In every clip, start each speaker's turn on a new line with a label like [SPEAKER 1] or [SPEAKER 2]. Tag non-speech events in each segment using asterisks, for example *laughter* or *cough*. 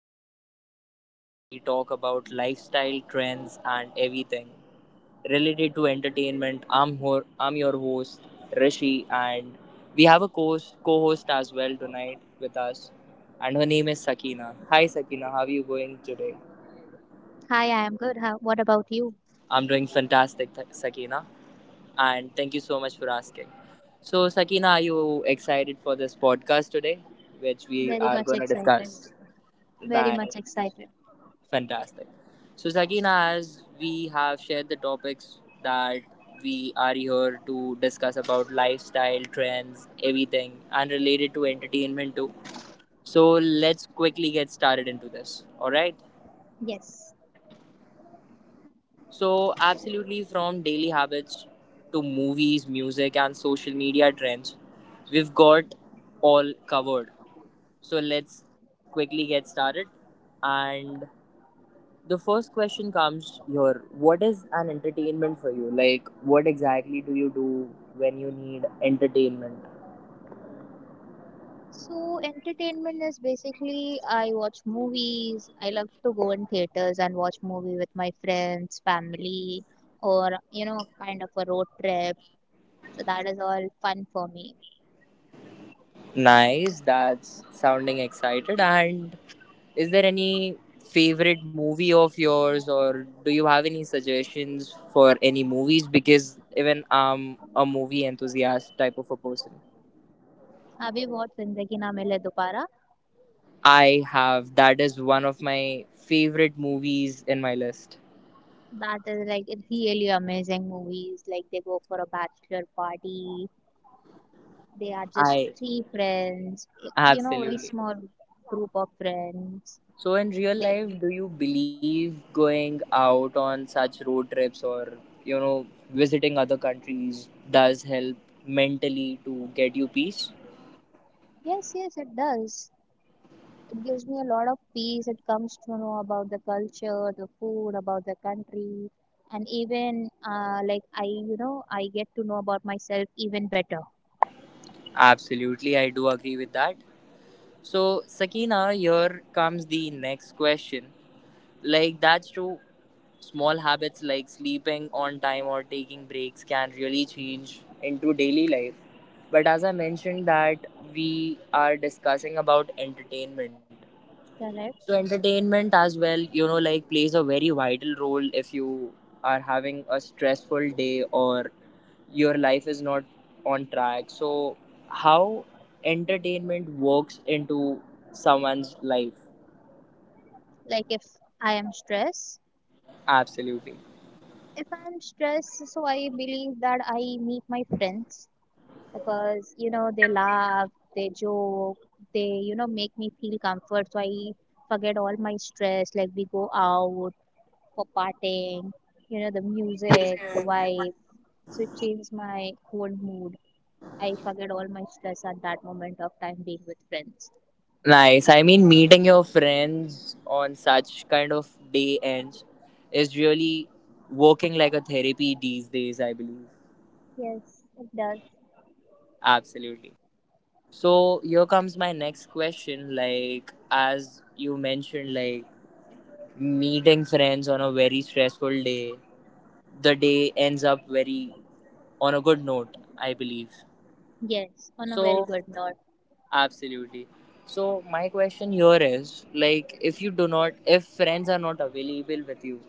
[SPEAKER 1] podcast where we talk about lifestyle trends and everything related to entertainment. I'm your host Rishi, and we have a co-host as well tonight with us, and her name is Sakina. Hi, Sakina. How are you going today?
[SPEAKER 2] Hi, I am good. How, what about you?
[SPEAKER 1] I'm doing fantastic, Sakina, and thank you so much for asking. So, Sakina, are you excited for this podcast today, which we
[SPEAKER 2] Very
[SPEAKER 1] are
[SPEAKER 2] much
[SPEAKER 1] going to
[SPEAKER 2] excited.
[SPEAKER 1] discuss?
[SPEAKER 2] Very much
[SPEAKER 1] That's
[SPEAKER 2] excited.
[SPEAKER 1] fantastic. So, Sakina, as we have shared the topics that we are here to discuss about lifestyle trends, everything, and related to entertainment too. So, let's quickly get started into this. All right.
[SPEAKER 2] Yes.
[SPEAKER 1] So, absolutely, from daily habits to movies, music, and social media trends, we've got all covered. So, let's quickly get started, and the first question comes here: what is an entertainment for you? Like, what exactly do you do when you need entertainment?
[SPEAKER 2] So entertainment is basically I watch movies. I love to go in theaters and watch movie with my friends, family, or you know, kind of a road trip. So that is all fun for me.
[SPEAKER 1] Nice, that's sounding excited. And is there any favorite movie of yours, or do you have any suggestions for any movies, because even I'm a movie enthusiast type of a person?
[SPEAKER 2] Have you watched Zindagi Na Mile Dobara?
[SPEAKER 1] I have. That is one of my favorite movies in my list.
[SPEAKER 2] That is like really amazing movies. Like they go for a bachelor party. They are just
[SPEAKER 1] I.
[SPEAKER 2] three friends, you know, very
[SPEAKER 1] Absolutely.
[SPEAKER 2] small group of friends.
[SPEAKER 1] So in real
[SPEAKER 2] They,
[SPEAKER 1] life, do you believe going out on such road trips, or you know visiting other countries does help mentally to get you peace?
[SPEAKER 2] yes, yes, it does. It gives me a lot of peace. It comes to know about the culture, the food, about the country, and even like I, you know, I get to know about myself even better.
[SPEAKER 1] Absolutely, I do agree with that. So Sakina, here comes the next question. Like, that's true. Small habits like sleeping on time or taking breaks can really change into daily life. But as I mentioned, that we are discussing about entertainment.
[SPEAKER 2] Correct.
[SPEAKER 1] So entertainment as well, like plays a very vital role if you are having a stressful day or your life is not on track. So how entertainment works into someone's life.
[SPEAKER 2] Like if I am stressed,
[SPEAKER 1] Absolutely.
[SPEAKER 2] if I am stressed, so I believe that I meet my friends, because you know they laugh, they joke, they you know make me feel comfort, so I forget all my stress. Like we go out for partying, you know, the music, the vibe, so it changes my whole mood. I forget all my stress at that moment of time being with friends.
[SPEAKER 1] Nice. I mean, meeting your friends on such kind of day ends is really working like a therapy these days, I believe.
[SPEAKER 2] Yes, it does.
[SPEAKER 1] Absolutely. So here comes my next question. Like, as you mentioned, like meeting friends on a very stressful day, the day ends up very on a good note, I believe.
[SPEAKER 2] Yes, on a very
[SPEAKER 1] So
[SPEAKER 2] good note.
[SPEAKER 1] absolutely. So my question here is like if friends are not available with you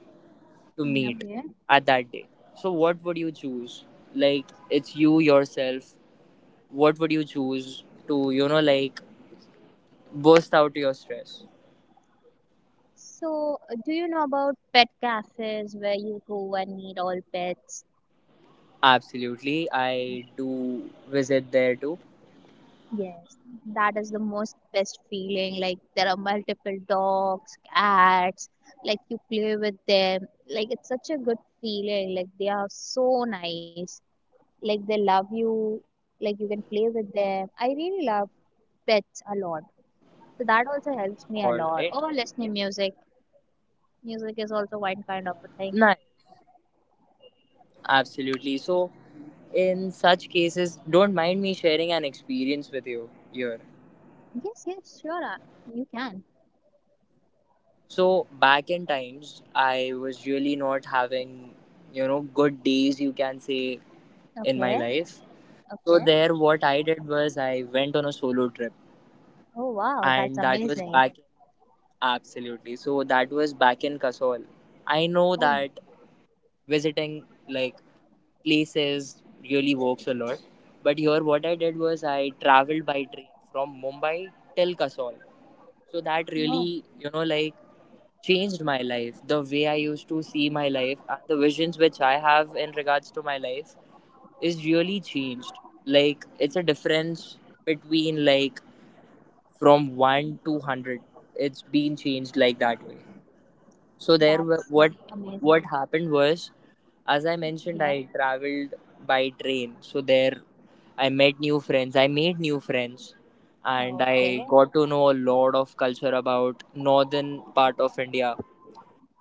[SPEAKER 1] to
[SPEAKER 2] Mm,
[SPEAKER 1] meet
[SPEAKER 2] okay.
[SPEAKER 1] at that day, so what would you choose? Like, it's you yourself, what would you choose to, like burst out your stress?
[SPEAKER 2] So do you know about pet cafes where you go and meet all pets?
[SPEAKER 1] Absolutely. I do visit there too.
[SPEAKER 2] Yes, that is the most best feeling. Like there are multiple dogs, cats, like you play with them. Like it's such a good feeling. Like they are so nice. Like they love you. Like you can play with them. I really love pets a lot. So that also
[SPEAKER 1] All
[SPEAKER 2] helps me a
[SPEAKER 1] right.
[SPEAKER 2] lot. Or listening music. Music is also one kind of a
[SPEAKER 1] Nice.
[SPEAKER 2] thing.
[SPEAKER 1] Absolutely. So, in such cases, don't mind me sharing an experience with you here.
[SPEAKER 2] Yes, yes, sure. You can.
[SPEAKER 1] So, back in times, I was really not having, good days, you can say, in my
[SPEAKER 2] Okay,
[SPEAKER 1] life. So,
[SPEAKER 2] okay.
[SPEAKER 1] there, what I did was I went on a solo trip,
[SPEAKER 2] Oh wow, that's
[SPEAKER 1] and that was
[SPEAKER 2] amazing.
[SPEAKER 1] back in. Absolutely. So that was back in Kasol. I know
[SPEAKER 2] Oh,
[SPEAKER 1] that visiting like places really works a lot. But here, what I did was I traveled by train from Mumbai till Kasol. So that
[SPEAKER 2] oh,
[SPEAKER 1] really, like changed my life. The way I used to see my life and the visions which I have in regards to my life is really changed. Like, it's a difference between like from one to 100. It's been changed like that way. So there, were-
[SPEAKER 2] that's
[SPEAKER 1] what what
[SPEAKER 2] amazing.
[SPEAKER 1] happened was, as I
[SPEAKER 2] Yeah,
[SPEAKER 1] mentioned, I traveled by train, so there I met new friends. I made new friends, and I
[SPEAKER 2] okay.
[SPEAKER 1] got to know a lot of culture about northern part of India,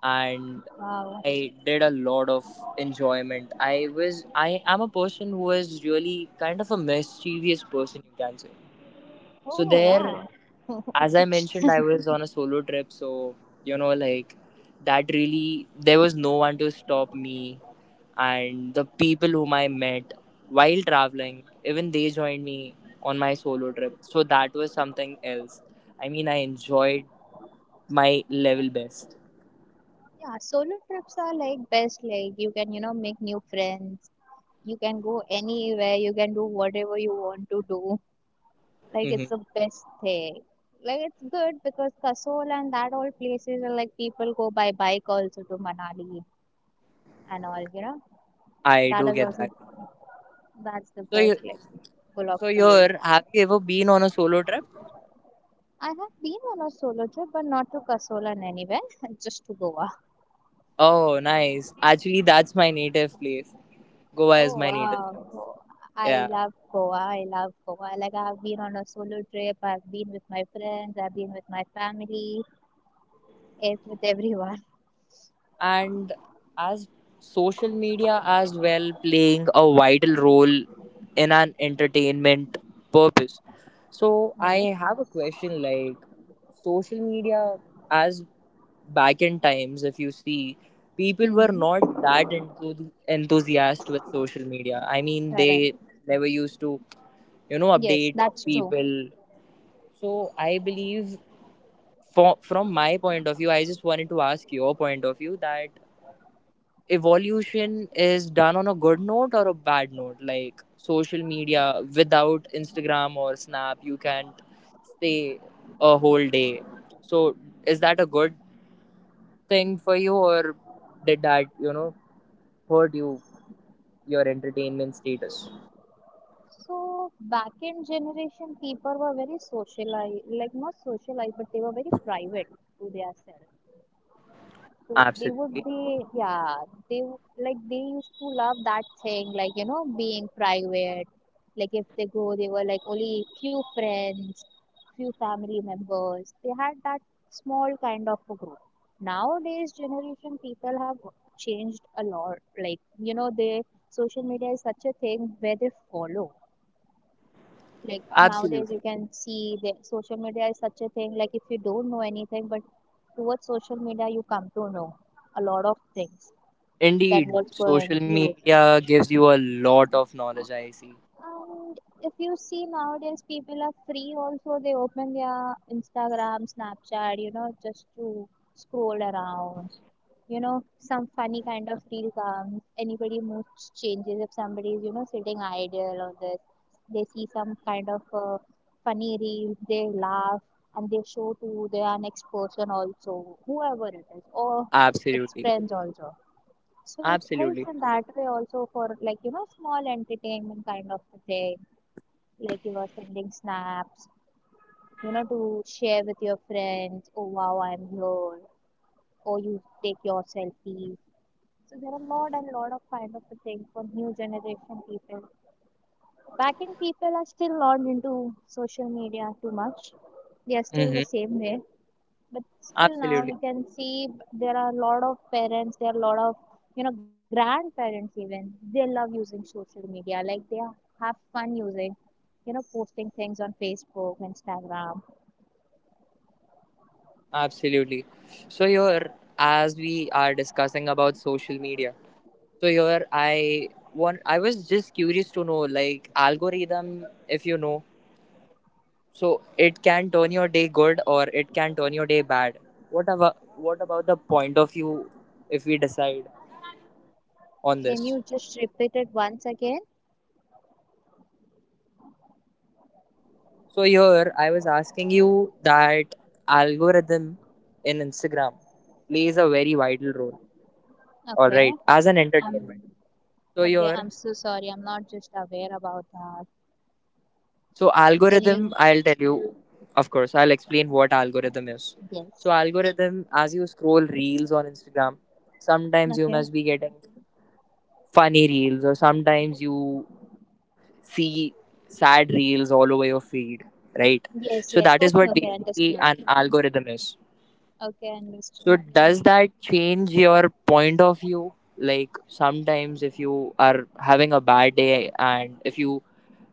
[SPEAKER 1] and
[SPEAKER 2] Wow.
[SPEAKER 1] I did a lot of enjoyment. I am a person who is really kind of a mischievous person, you can say. So
[SPEAKER 2] Oh,
[SPEAKER 1] there,
[SPEAKER 2] wow. *laughs*
[SPEAKER 1] as I mentioned, I was on a solo trip, so like that really there was no one to stop me, and the people whom I met while traveling, even they joined me on my solo trip. So that was something else. I mean, I enjoyed my level best.
[SPEAKER 2] Yeah, solo trips are like best. Like you can, you know, make new friends. You can go anywhere. You can do whatever you want to do. Like it's
[SPEAKER 1] Hmm.
[SPEAKER 2] the best thing. Like it's good because Kasol and that all places are like people go by bike also to Manali and all, you know.
[SPEAKER 1] I
[SPEAKER 2] That
[SPEAKER 1] do
[SPEAKER 2] is
[SPEAKER 1] get
[SPEAKER 2] also,
[SPEAKER 1] that.
[SPEAKER 2] that's the
[SPEAKER 1] So,
[SPEAKER 2] best,
[SPEAKER 1] you,
[SPEAKER 2] like full of
[SPEAKER 1] so
[SPEAKER 2] cool.
[SPEAKER 1] you're Have you ever been on a solo trip?
[SPEAKER 2] I have been on a solo trip but not to Kasol and anywhere, *laughs* just to Goa.
[SPEAKER 1] Oh, nice. Actually, that's my native place. Goa is
[SPEAKER 2] Oh
[SPEAKER 1] my native
[SPEAKER 2] wow.
[SPEAKER 1] place.
[SPEAKER 2] Oh, I
[SPEAKER 1] Yeah.
[SPEAKER 2] love Goa. I love Goa. Like I've been on a solo trip. I've been with my friends. I've been with my family. If with everyone.
[SPEAKER 1] And as social media as well playing a vital role in an entertainment purpose, so
[SPEAKER 2] *laughs*
[SPEAKER 1] I
[SPEAKER 2] Yes.
[SPEAKER 1] have a question. Like social media, as back in times, if you see, people were
[SPEAKER 2] Mm-hmm.
[SPEAKER 1] not that enthusiastic with social media. I mean,
[SPEAKER 2] Correct.
[SPEAKER 1] they never used to,
[SPEAKER 2] Yes,
[SPEAKER 1] update
[SPEAKER 2] that's true.
[SPEAKER 1] people. So I believe, from my point of view, I just wanted to ask your point of view that evolution is done on a good note or a bad note. Like, social media without Instagram or Snap, you can't stay a whole day. So is that a good thing for you, or did that, hurt you, your entertainment status?
[SPEAKER 2] So back in generation, people were very socialized, like not socialized, but they were very private to themselves. So they would
[SPEAKER 1] Absolutely.
[SPEAKER 2] be, yeah, like they used to love that thing, like you know, being private. Like if they go, they were like only few friends, few family members. They had that small kind of a group. Nowadays, generation people have changed a lot. Like you know, they, social media is such a thing where they follow. Like nowadays, you
[SPEAKER 1] Absolutely.
[SPEAKER 2] can see the social media is such a thing. Like if you don't know anything, but towards social media, you come to know a lot of things that
[SPEAKER 1] Indeed,
[SPEAKER 2] what's going.
[SPEAKER 1] social
[SPEAKER 2] Yes.
[SPEAKER 1] media gives you a lot of knowledge, I see.
[SPEAKER 2] And if you see nowadays, people are free also. They open their Instagram, Snapchat, you know, just to scroll around, you know, some funny kind of feel comes. Anybody moods changes if somebody is, you know, sitting idle or this. They see some kind of funny reel, they laugh and they show to their next person also, whoever it is, or its
[SPEAKER 1] Absolutely.
[SPEAKER 2] friends also. So it
[SPEAKER 1] Absolutely.
[SPEAKER 2] helps in that way also for like, you know, small entertainment kind of thing. Like you are sending snaps, you know, to share with your friends, oh wow, I'm here, or you take your selfies, so there are a lot and lot of kind of things for new generation people. Back in, people are still not into social media too much. They are still the
[SPEAKER 1] Mm-hmm.
[SPEAKER 2] same way. But still now you can
[SPEAKER 1] Absolutely.
[SPEAKER 2] see there are a lot of parents, there are a lot of you know grandparents even. They love using social media. Have fun using, you know, posting things on Facebook, Instagram.
[SPEAKER 1] Absolutely. So here, as we are discussing about social media, so here I was just curious to know, like algorithm, if you know. So it can turn your day good or it can turn your day bad. What about the point of view if we decide on
[SPEAKER 2] Can
[SPEAKER 1] this?
[SPEAKER 2] you just repeat it once again?
[SPEAKER 1] So here I was asking you that algorithm in Instagram plays a very vital role. All
[SPEAKER 2] Okay.
[SPEAKER 1] right, as an
[SPEAKER 2] I'm
[SPEAKER 1] entertainment. So
[SPEAKER 2] Okay, I'm
[SPEAKER 1] here
[SPEAKER 2] so sorry. I'm not just aware about that.
[SPEAKER 1] So
[SPEAKER 2] Can
[SPEAKER 1] algorithm,
[SPEAKER 2] you?
[SPEAKER 1] I'll tell you, of course, I'll explain what algorithm is.
[SPEAKER 2] Yes.
[SPEAKER 1] So algorithm, as you scroll reels on Instagram, sometimes you
[SPEAKER 2] Okay.
[SPEAKER 1] must be getting funny reels or sometimes you see sad reels all over your feed, right? So
[SPEAKER 2] Yes,
[SPEAKER 1] that
[SPEAKER 2] yes.
[SPEAKER 1] is what
[SPEAKER 2] Okay, okay,
[SPEAKER 1] basically
[SPEAKER 2] understood.
[SPEAKER 1] an algorithm is.
[SPEAKER 2] Okay,
[SPEAKER 1] So
[SPEAKER 2] understood.
[SPEAKER 1] does that change your point of view? Like, sometimes if you are having a bad day, and if you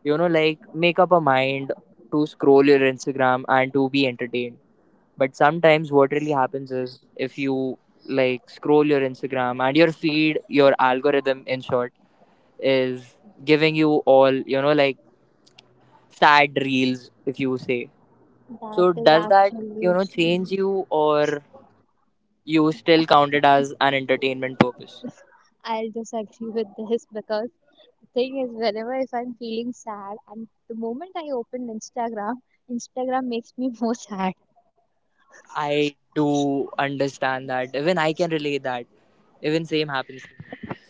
[SPEAKER 1] you know like make up a mind to scroll your Instagram and to be entertained. But sometimes what really happens is if you like scroll your Instagram and your feed, your algorithm in short is giving you all, like sad reels if you say.
[SPEAKER 2] That
[SPEAKER 1] So
[SPEAKER 2] is
[SPEAKER 1] does that,
[SPEAKER 2] actually,
[SPEAKER 1] change you, or you still count it as an entertainment purpose.
[SPEAKER 2] I'll just agree with this *laughs* because the thing is, whenever if I'm feeling sad, and the moment I open Instagram, Instagram makes me *laughs* more sad.
[SPEAKER 1] I do understand that. Even I can relate that. Even same happens to me.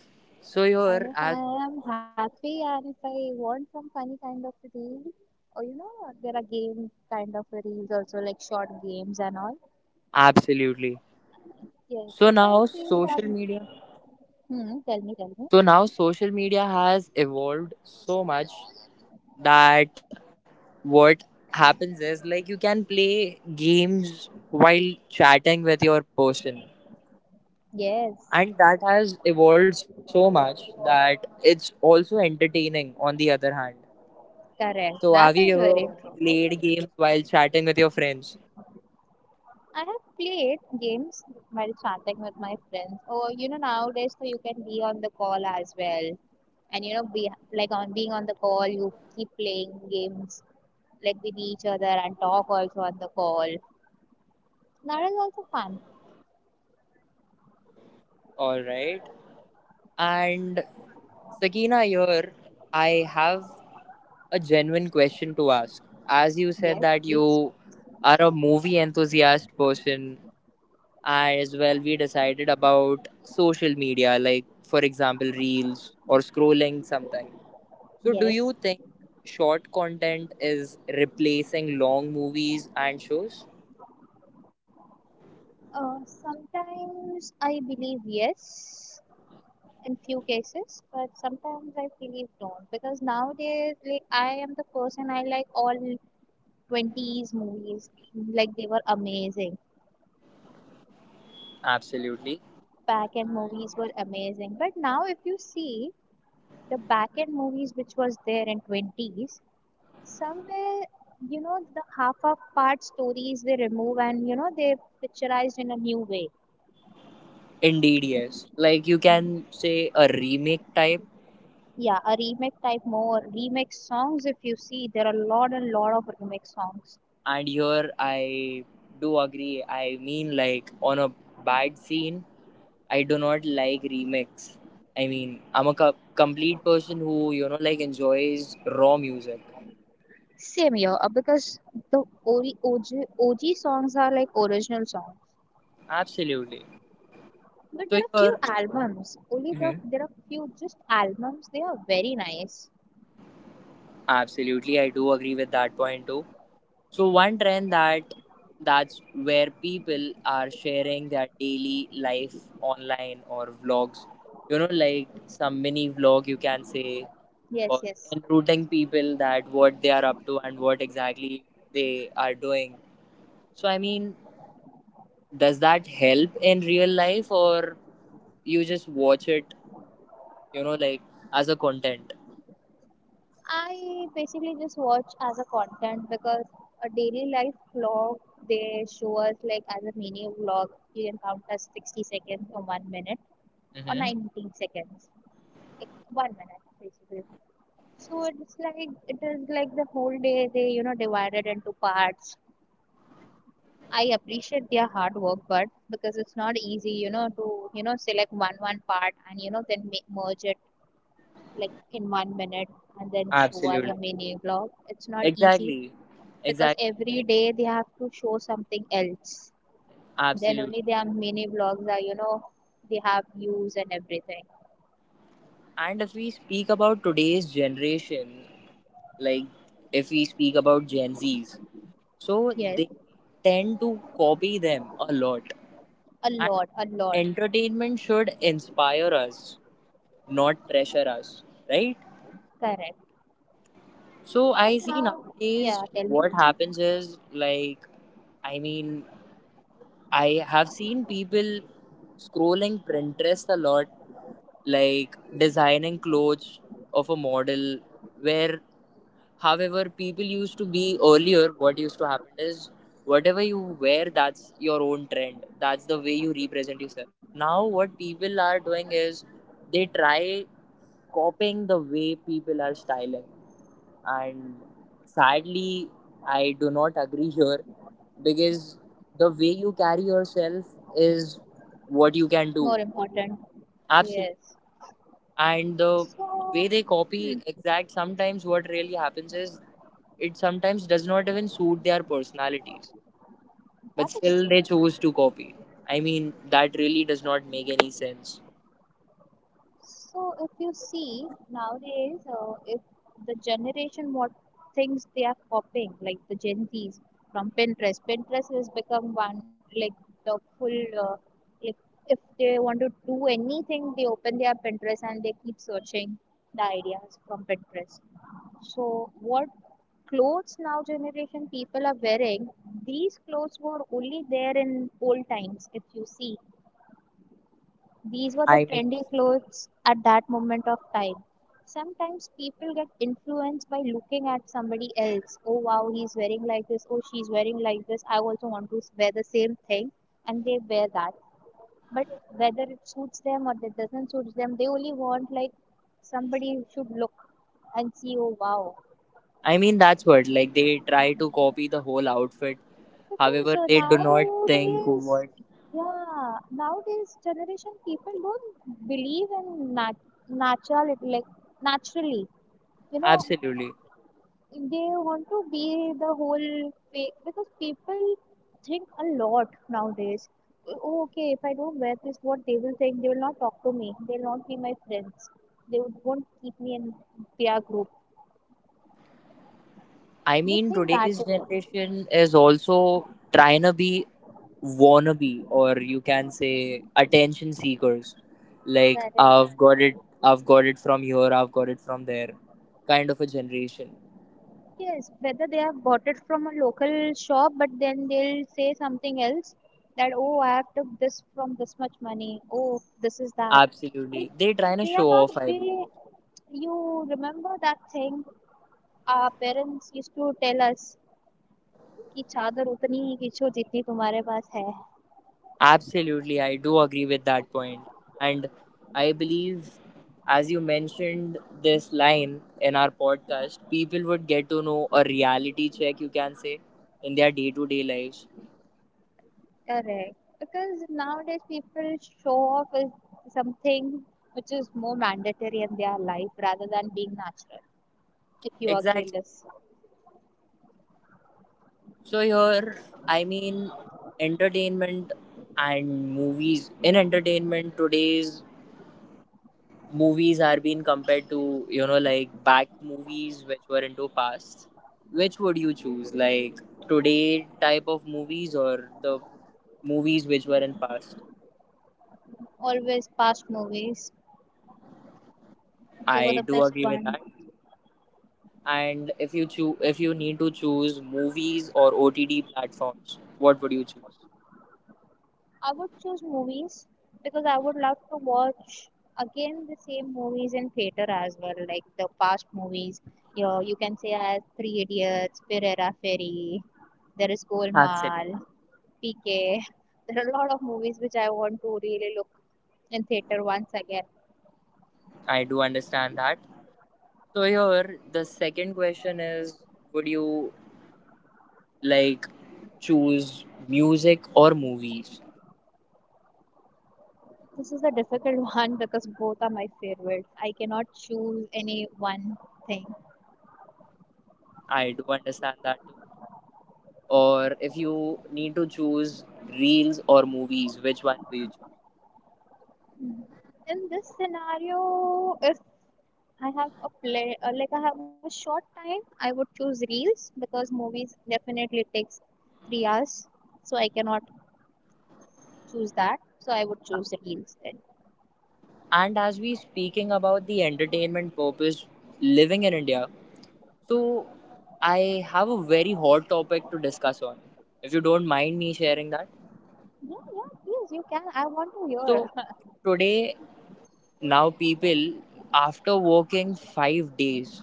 [SPEAKER 1] So
[SPEAKER 2] And if
[SPEAKER 1] here
[SPEAKER 2] I
[SPEAKER 1] as
[SPEAKER 2] am happy and if I want some funny kind of reel, or you know, there are game kind of reels also, like short games and all.
[SPEAKER 1] Absolutely.
[SPEAKER 2] Yes, if
[SPEAKER 1] So
[SPEAKER 2] I
[SPEAKER 1] now
[SPEAKER 2] feel that,
[SPEAKER 1] social media
[SPEAKER 2] hmm, tell me, tell me.
[SPEAKER 1] so now social media has evolved so much that what happens is like you can play games while chatting with your person,
[SPEAKER 2] Yes.
[SPEAKER 1] and that has evolved so much that it's also entertaining on the other hand.
[SPEAKER 2] Correct.
[SPEAKER 1] So,
[SPEAKER 2] That
[SPEAKER 1] have you
[SPEAKER 2] is
[SPEAKER 1] ever
[SPEAKER 2] very true.
[SPEAKER 1] played games while chatting with your friends?
[SPEAKER 2] I have played games while chatting with my friends. Or you know nowadays so you can be on the call as well. And you know be, like on being on the call you keep playing games like with each other and talk also on the call. That is also fun.
[SPEAKER 1] All right. And Sakina, here I have a genuine question to ask. As you said
[SPEAKER 2] Yes,
[SPEAKER 1] that
[SPEAKER 2] please.
[SPEAKER 1] you are a movie enthusiast person, as well, we decided about social media, like for example, reels or scrolling something. So, do
[SPEAKER 2] Yes.
[SPEAKER 1] you think short content is replacing long movies and shows?
[SPEAKER 2] Sometimes I believe yes in few cases, but sometimes I believe don't, because nowadays like I am the person I like all 20s movies, like they were amazing.
[SPEAKER 1] Absolutely.
[SPEAKER 2] Back end movies were amazing, but now if you see the back end movies which was there in 20s somewhere, you know, the half of part stories they remove and you know they picturized in a new way.
[SPEAKER 1] Indeed, yes. Like, you can say a remake type,
[SPEAKER 2] Yeah, a remake type, more remake songs. If you see there are a lot and lot of remake songs.
[SPEAKER 1] and here I do agree. I mean, like on a bad scene, I do not like remix. I mean, I'm a complete person who, like enjoys raw music.
[SPEAKER 2] Same here, because the OG, OG, OG songs are like original songs.
[SPEAKER 1] Absolutely.
[SPEAKER 2] But
[SPEAKER 1] So,
[SPEAKER 2] there are few
[SPEAKER 1] here,
[SPEAKER 2] albums.
[SPEAKER 1] Mhm.
[SPEAKER 2] There are few just albums. They are very nice.
[SPEAKER 1] Absolutely, I do agree with that point too. So one trend, that's where people are sharing their daily life online or vlogs. Like, some mini vlog you can say,
[SPEAKER 2] Yes,
[SPEAKER 1] or
[SPEAKER 2] yes.
[SPEAKER 1] enrouting people that what they are up to and what exactly they are doing. So I mean, does that help in real life, or you just watch it, like as a content?
[SPEAKER 2] I basically just watch as a content because a daily life vlog, they show us like as a mini vlog. You can count as 60 seconds or 1 minute or
[SPEAKER 1] Mm-hmm.
[SPEAKER 2] 19 seconds, like 1 minute basically. So it's like, it is like the whole day they you know divided into parts. I appreciate their hard work, but because it's not easy, you know, to you know select one part and you know then make, merge it like in 1 minute and then show as a
[SPEAKER 1] Absolutely.
[SPEAKER 2] mini vlog. It's not easy
[SPEAKER 1] Exactly.
[SPEAKER 2] because
[SPEAKER 1] Exactly.
[SPEAKER 2] every day they have to show something else. Then only
[SPEAKER 1] Absolutely.
[SPEAKER 2] their mini vlogs are you know, they have views and everything.
[SPEAKER 1] And if we speak about today's generation, like if we speak about Gen Zs, so
[SPEAKER 2] Yes,
[SPEAKER 1] they tend to copy them a lot.
[SPEAKER 2] a
[SPEAKER 1] And
[SPEAKER 2] lot, a lot.
[SPEAKER 1] entertainment should inspire us, not pressure us, right?
[SPEAKER 2] Correct.
[SPEAKER 1] So
[SPEAKER 2] But
[SPEAKER 1] I see
[SPEAKER 2] now, yeah,
[SPEAKER 1] nowadays
[SPEAKER 2] tell me,
[SPEAKER 1] what happens is like, I mean, I have seen people scrolling Pinterest a lot, like designing clothes of a model, where, however, people used to be earlier, what used to happen is whatever you wear, that's your own trend. That's the way you represent yourself. Now, what people are doing is they try copying the way people are styling. And sadly, I do not *laughs* agree here, because the way you carry yourself is what you
[SPEAKER 2] more
[SPEAKER 1] can do.
[SPEAKER 2] important. Yes.
[SPEAKER 1] Absolutely. And the
[SPEAKER 2] So,
[SPEAKER 1] way they
[SPEAKER 2] hmm,
[SPEAKER 1] copy exact, sometimes what really happens is it sometimes does not even suit their personalities,
[SPEAKER 2] that
[SPEAKER 1] but
[SPEAKER 2] is true.
[SPEAKER 1] still they choose to copy. I mean, that really does not make any sense.
[SPEAKER 2] So if you see nowadays, if the generation what things they are copying, like the Gen Zs, from Pinterest, Pinterest has become one like the full like, if they want to do anything, they open their Pinterest and they keep searching the ideas from Pinterest. So what clothes now generation people are wearing, these clothes were only there in old times. If you see, these were the
[SPEAKER 1] i mean
[SPEAKER 2] trendy clothes at that moment of time. Sometimes people get influenced by looking at somebody else. Oh wow, he's wearing like this. Oh, she's wearing like this. I also want to wear the same thing, and they wear that. But whether it suits them or it doesn't suit them, they only want like somebody should look and see. Oh wow,
[SPEAKER 1] i mean that's what, like, they try to copy the whole outfit,
[SPEAKER 2] because
[SPEAKER 1] however they do not think
[SPEAKER 2] nowadays,
[SPEAKER 1] what.
[SPEAKER 2] yeah, nowadays generation people don't believe in natural, like naturally. You know,
[SPEAKER 1] Absolutely.
[SPEAKER 2] they want to be the whole fake because people think a lot nowadays. "Oh, okay, if I don't wear this, what they will think? They will not talk to me. They will not be my friends. They won't keep me in their group.
[SPEAKER 1] I
[SPEAKER 2] They
[SPEAKER 1] mean,
[SPEAKER 2] think that
[SPEAKER 1] today's
[SPEAKER 2] way.
[SPEAKER 1] generation is also trying to be wannabe, or you can say attention seekers. Like,
[SPEAKER 2] Correct.
[SPEAKER 1] I've got it from here, I've got it from there, kind of a generation.
[SPEAKER 2] Yes, whether they have bought it from a local shop, but then they'll say something else that, oh, I have took this from this much money. Oh, this is that. Like,
[SPEAKER 1] Absolutely, they trying to
[SPEAKER 2] they are
[SPEAKER 1] show
[SPEAKER 2] not
[SPEAKER 1] off, I believe.
[SPEAKER 2] very. You remember that thing our parents used to tell us ki chadar उतनी ही खींचो जितनी tumhare pass hai.
[SPEAKER 1] Absolutely, I do agree with that point. And I believe, as you mentioned this line in our podcast, people would get to know a reality check. You can say in their day to day lives.
[SPEAKER 2] Correct. Because nowadays people show off as something which is more mandatory in their life rather than being natural. If you agree with
[SPEAKER 1] Exactly.
[SPEAKER 2] this,
[SPEAKER 1] So here, I mean, entertainment and movies. In entertainment, today's movies are being compared to like back movies which were into past. Which would you choose, like today type of movies or the movies which were in past?
[SPEAKER 2] always past movies. They were the
[SPEAKER 1] I do
[SPEAKER 2] best
[SPEAKER 1] agree with
[SPEAKER 2] one.
[SPEAKER 1] that. And if you choose, if you need to choose movies or OTD platforms, what would you choose?
[SPEAKER 2] I would choose movies because I would love to watch again the same movies in theater as well, like the past movies. You know, you can say as Three Idiots, Pereira Ferry, there is
[SPEAKER 1] Absolutely,
[SPEAKER 2] Golmaal, PK. *laughs* There are a lot of movies which I want to really look in theater once again.
[SPEAKER 1] I do understand that. So here, the second question is, would you like choose music or movies?
[SPEAKER 2] This is a difficult *laughs* one because both are my favorites. I cannot choose any one thing.
[SPEAKER 1] I do understand that too. Or if you need to choose reels or movies, which one do you choose?
[SPEAKER 2] In this scenario, if I have a play, like I have a short time. I would choose reels because movies definitely takes 3 hours, so I cannot choose that. So I would choose reels
[SPEAKER 1] Absolutely.
[SPEAKER 2] then.
[SPEAKER 1] And as we speaking about the entertainment purpose living in India, so I have a very hot topic to discuss on. If you don't mind me sharing that.
[SPEAKER 2] Yeah, yeah, please, you can. I want to hear.
[SPEAKER 1] So today now people, after working 5 days,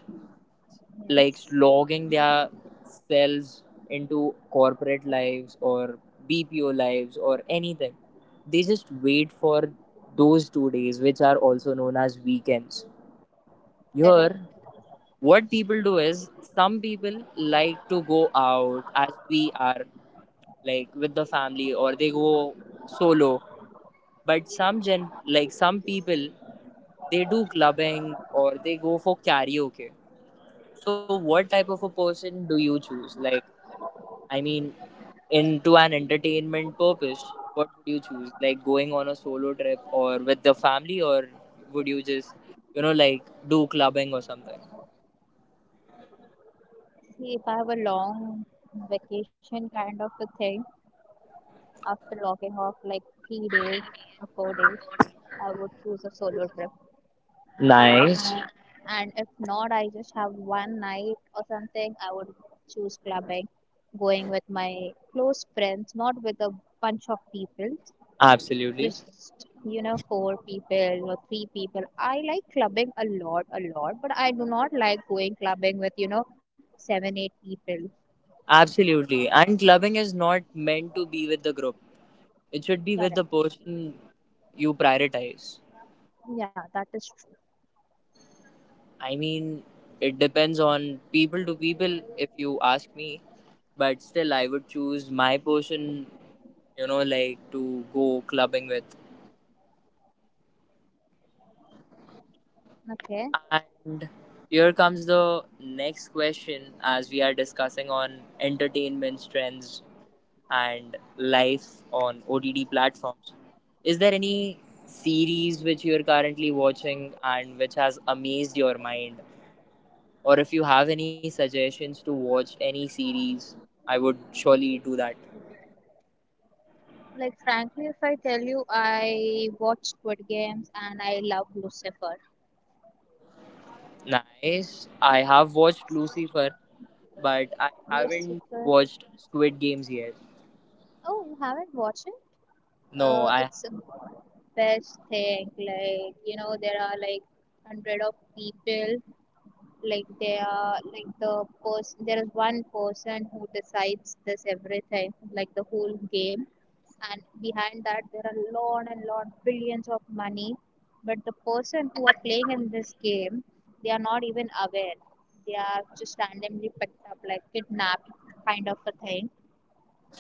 [SPEAKER 2] *laughs*
[SPEAKER 1] like
[SPEAKER 2] Yes,
[SPEAKER 1] slogging their selves into corporate lives or BPO lives or anything, they just wait for those 2 days, which are also known as weekends. Here,
[SPEAKER 2] correct.
[SPEAKER 1] what people do is some people like to go out as we are, like with the family, or they go solo but some gen like some people they do clubbing or they go for karaoke. So what type of a person do you choose? Like I mean into an entertainment purpose, what would you choose? Like going on a solo trip or with the family or would you just like do clubbing or something?
[SPEAKER 2] See, if I have a long vacation kind of a thing after logging off like 3 days or 4 days, I would choose a solo trip.
[SPEAKER 1] Nice.
[SPEAKER 2] And, and if not, I just have one night or something, I would choose clubbing, going with my close friends, not with a bunch of people,
[SPEAKER 1] Absolutely.
[SPEAKER 2] just, you know, four people or three people. I like clubbing a lot, but I do not like going clubbing with, you know, seven, eight people.
[SPEAKER 1] Absolutely. And clubbing is not meant to be with the group. It should be with the
[SPEAKER 2] Correct.
[SPEAKER 1] person you prioritize.
[SPEAKER 2] Yeah, that is true.
[SPEAKER 1] I mean, it depends on people to people if you ask me, but still, I would choose my person, you know, like to go clubbing with.
[SPEAKER 2] Okay.
[SPEAKER 1] And here comes the next question as we are discussing on entertainment trends and life on ODD platforms. Is there any series which you're currently watching and which has amazed your mind? Or if you have any suggestions to watch any series, I would surely do that.
[SPEAKER 2] Like, frankly, if I tell you, I watch Squid Games and I love Lucifer.
[SPEAKER 1] Nice. I have watched Lucifer, but I haven't
[SPEAKER 2] Lucifer.
[SPEAKER 1] watched Squid Games yet.
[SPEAKER 2] Oh, you haven't watched it?
[SPEAKER 1] No, I have.
[SPEAKER 2] It's a best thing. Like you know, there are like hundred of people. Like they are like the person. There is one person who decides this everything, like the whole game. And behind that, there are lot and lot billions of money. But the person who are playing in this game, they are not even aware. They are just randomly picked up, like kidnapped, kind of a thing.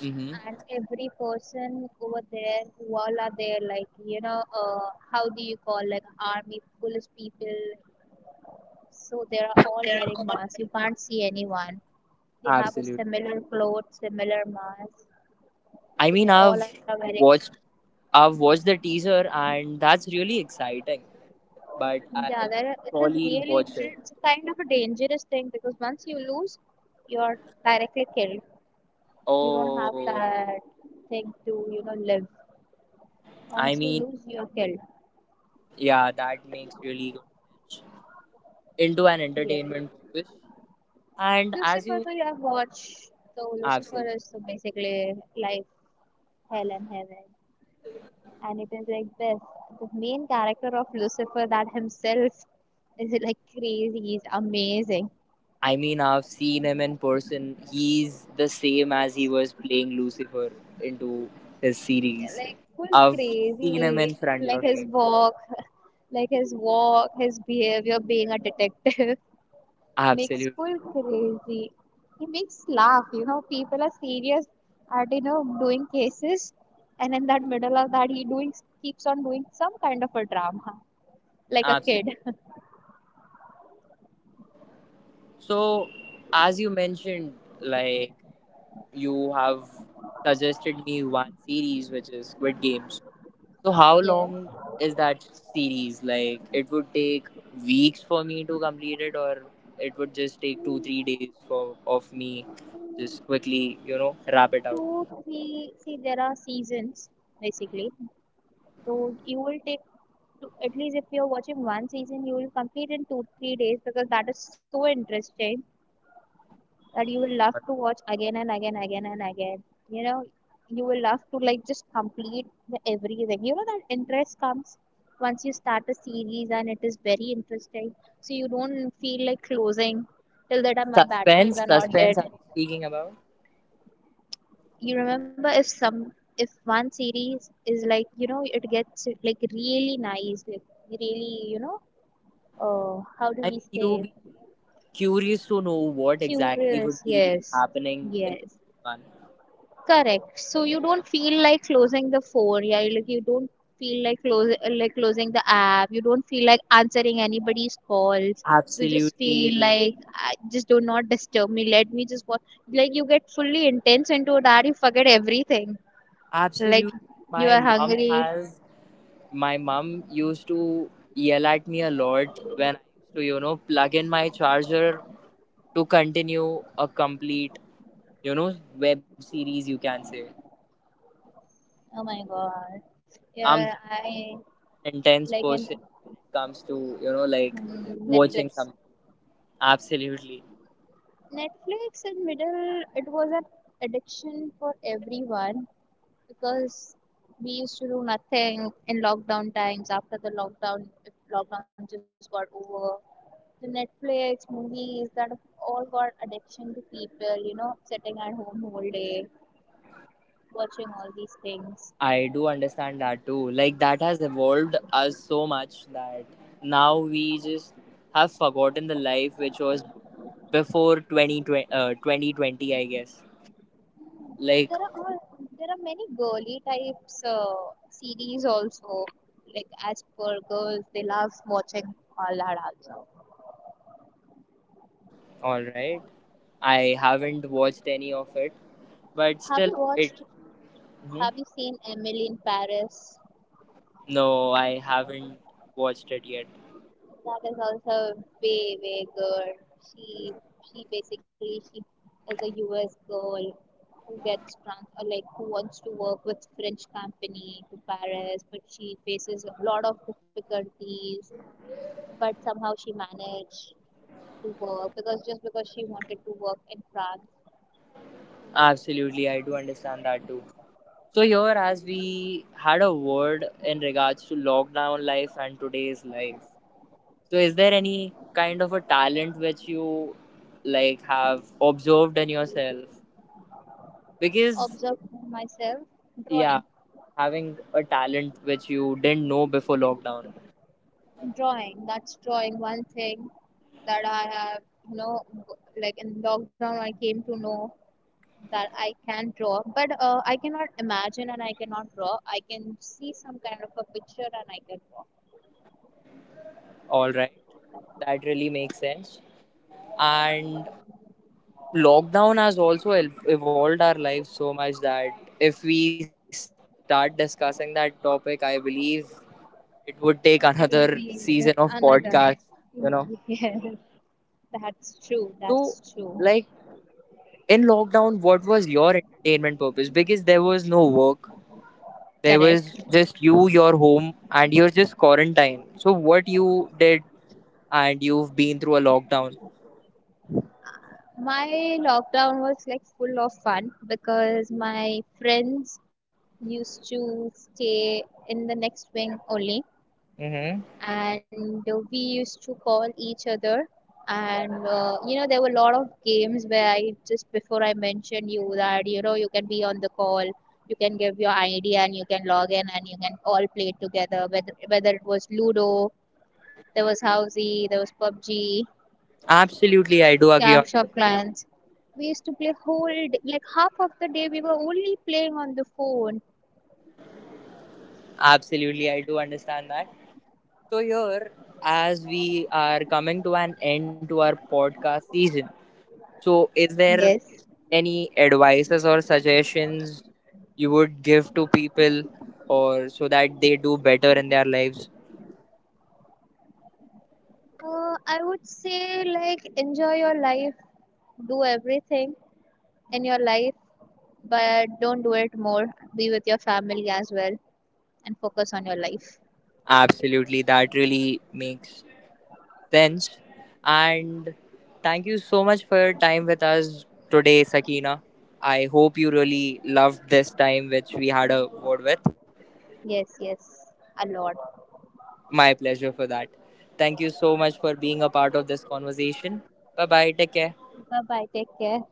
[SPEAKER 1] Mm-hmm.
[SPEAKER 2] And every person over there who all are there, like you know, how do you call, like army police people, so they are all wearing masks, you can't see anyone. They have a
[SPEAKER 1] Absolutely.
[SPEAKER 2] similar clothes, similar masks.
[SPEAKER 1] I
[SPEAKER 2] So they
[SPEAKER 1] mean,
[SPEAKER 2] all are wearing,
[SPEAKER 1] watched, I've watched the teaser, and that's really exciting. But I'll
[SPEAKER 2] yeah, it is
[SPEAKER 1] probably
[SPEAKER 2] really,
[SPEAKER 1] watch it.
[SPEAKER 2] it's kind of a dangerous thing because once you lose, you're directly killed. You don't have
[SPEAKER 1] Oh,
[SPEAKER 2] that thing to, you know, live.
[SPEAKER 1] I
[SPEAKER 2] Once you
[SPEAKER 1] mean,
[SPEAKER 2] lose, you're killed.
[SPEAKER 1] yeah, that makes really good sense into an
[SPEAKER 2] Yeah.
[SPEAKER 1] entertainment purpose. And as
[SPEAKER 2] Lucifer,
[SPEAKER 1] you
[SPEAKER 2] so you have watched. So Lucifer
[SPEAKER 1] absolutely
[SPEAKER 2] is so basically like hell and heaven, and it is like this. The main character of Lucifer, that himself is like crazy. He's amazing,
[SPEAKER 1] I mean, I've seen him in person. He's the same as he was playing Lucifer into his series.
[SPEAKER 2] like full
[SPEAKER 1] I've seen him
[SPEAKER 2] crazy.
[SPEAKER 1] in front
[SPEAKER 2] Like
[SPEAKER 1] of
[SPEAKER 2] his
[SPEAKER 1] me.
[SPEAKER 2] walk, like his walk, his behavior, being a detective. *laughs* Makes
[SPEAKER 1] Absolutely.
[SPEAKER 2] full crazy. He makes laugh. You know, people are serious at, you know, doing cases, and in that middle of that, he doing keeps on doing some kind of a drama, *laughs* like a
[SPEAKER 1] Absolutely.
[SPEAKER 2] kid. *laughs*
[SPEAKER 1] So, as you mentioned, like, you have suggested me one series, which is Squid Games. So, how
[SPEAKER 2] Yes.
[SPEAKER 1] long is that series? Like, it would take weeks for me to complete it, or it would just take two, three
[SPEAKER 2] Mm,
[SPEAKER 1] days for of me just quickly, you know, wrap it out.
[SPEAKER 2] two, three. See, there are seasons basically. So you will take to, at least if you're watching one season, you will complete in two, 3 days because that is so interesting, that you will love to watch again and again, again and again. You know, you will love to like just complete the everything. You know that interest comes once you start a series and it is very interesting. So you don't feel like closing till the time my batteries
[SPEAKER 1] Suspense,
[SPEAKER 2] are not
[SPEAKER 1] suspense
[SPEAKER 2] dead.
[SPEAKER 1] are we speaking about?
[SPEAKER 2] You remember if some, if one series is like, you know, it gets like really nice, like really, you know, how do
[SPEAKER 1] I
[SPEAKER 2] we
[SPEAKER 1] mean, you
[SPEAKER 2] say,
[SPEAKER 1] be curious to know what exactly would
[SPEAKER 2] curious?
[SPEAKER 1] be
[SPEAKER 2] Yes,
[SPEAKER 1] happening in the
[SPEAKER 2] yes.
[SPEAKER 1] second one.
[SPEAKER 2] Correct. So you don't feel like closing the phone. Yeah, like you don't feel like close like closing the app. You don't feel like answering anybody's calls. You just feel
[SPEAKER 1] Absolutely,
[SPEAKER 2] like, "Ah, just do not disturb me. Let me just watch." Like you get fully intense into that. You forget everything.
[SPEAKER 1] absolutely.
[SPEAKER 2] Like you
[SPEAKER 1] My
[SPEAKER 2] are
[SPEAKER 1] mom
[SPEAKER 2] hungry.
[SPEAKER 1] has, my mom used to yell at me a lot when I used to, you know, plug in my charger to continue a complete, you know, web series, you can say.
[SPEAKER 2] Oh my god.
[SPEAKER 1] I'm
[SPEAKER 2] Yeah,
[SPEAKER 1] that kind
[SPEAKER 2] I
[SPEAKER 1] of an intense
[SPEAKER 2] like
[SPEAKER 1] person
[SPEAKER 2] and
[SPEAKER 1] when it comes to, you know, like
[SPEAKER 2] mm,
[SPEAKER 1] watching
[SPEAKER 2] Netflix.
[SPEAKER 1] something. Absolutely.
[SPEAKER 2] Netflix in middle, it was an addiction for everyone because we used to do nothing in lockdown times. After the lockdown, if lockdown just got over, the Netflix movies, that all got addiction to people, you know, sitting at home whole day watching all these things.
[SPEAKER 1] I do understand that too. Like that has evolved us so much that now we just have forgotten the life which was before 2020 I guess. Like,
[SPEAKER 2] there are all- there are many girly types series also, like as per girls they love watching all that also.
[SPEAKER 1] alright, I haven't watched any of it, but
[SPEAKER 2] have
[SPEAKER 1] still,
[SPEAKER 2] you
[SPEAKER 1] it.
[SPEAKER 2] watched have you
[SPEAKER 1] Mhm.
[SPEAKER 2] seen Emily in Paris?
[SPEAKER 1] No, I haven't watched it yet.
[SPEAKER 2] That is also way way good. She she basically she is a US girl who gets trans, or like who wants to work with French company to Paris, but she faces a lot of difficulties. But somehow she managed to work because just because she wanted to work in France.
[SPEAKER 1] Absolutely, I do understand that too. So, here, as we had a word in regards to lockdown life and today's life, so is there any kind of a talent which you like have observed in yourself? Because
[SPEAKER 2] Observe myself
[SPEAKER 1] yeah,
[SPEAKER 2] drawing,
[SPEAKER 1] having a talent which you didn't know before lockdown.
[SPEAKER 2] drawing. That's drawing one thing that I have, you know, like in lockdown I came to know that I can draw, but I cannot imagine and I cannot draw. I can see some kind of a picture and I can draw.
[SPEAKER 1] All right. That really makes sense. And lockdown has also evolved our lives so much that if we start discussing that topic, I believe it would take *laughs* another
[SPEAKER 2] It
[SPEAKER 1] season
[SPEAKER 2] will
[SPEAKER 1] of
[SPEAKER 2] be
[SPEAKER 1] podcast,
[SPEAKER 2] another.
[SPEAKER 1] you know.
[SPEAKER 2] *laughs* Yes, that's
[SPEAKER 1] So
[SPEAKER 2] true. That's
[SPEAKER 1] like
[SPEAKER 2] true.
[SPEAKER 1] in lockdown what was your entertainment purpose because there was no work there was
[SPEAKER 2] Correct.
[SPEAKER 1] just you your home and you're just quarantined so what you did and you've been through a lockdown.
[SPEAKER 2] My lockdown was like full of fun because my friends used to stay in the next wing only,
[SPEAKER 1] Mm-hmm.
[SPEAKER 2] and we used to call each other, and you know there were a lot of games where I just before I mentioned you that you know you can be on the call, you can give your id and you can log in and you can all play together, whether it was ludo, there was housey, there was pubg,
[SPEAKER 1] Absolutely, I do agree
[SPEAKER 2] clash
[SPEAKER 1] on
[SPEAKER 2] of
[SPEAKER 1] that.
[SPEAKER 2] clans. We used to play whole day, like half of the day we were only playing on the phone.
[SPEAKER 1] Absolutely, I do understand that. So here, as we are coming to an end to our podcast season, so is there
[SPEAKER 2] Yes.
[SPEAKER 1] any advices or suggestions you would give to people or so that they do better in their lives?
[SPEAKER 2] I would say like enjoy your life, do everything, in your life, but don't do it more. Be with your family as well and focus on your life.
[SPEAKER 1] Absolutely, that really makes sense. And thank you so much for your time with us today, Sakina. I hope you really loved this time, which we had a word with.
[SPEAKER 2] Yes, yes, a lot.
[SPEAKER 1] My pleasure for that. Thank you so much for being a part of this conversation. Bye bye. Take care.
[SPEAKER 2] Bye bye. Take care.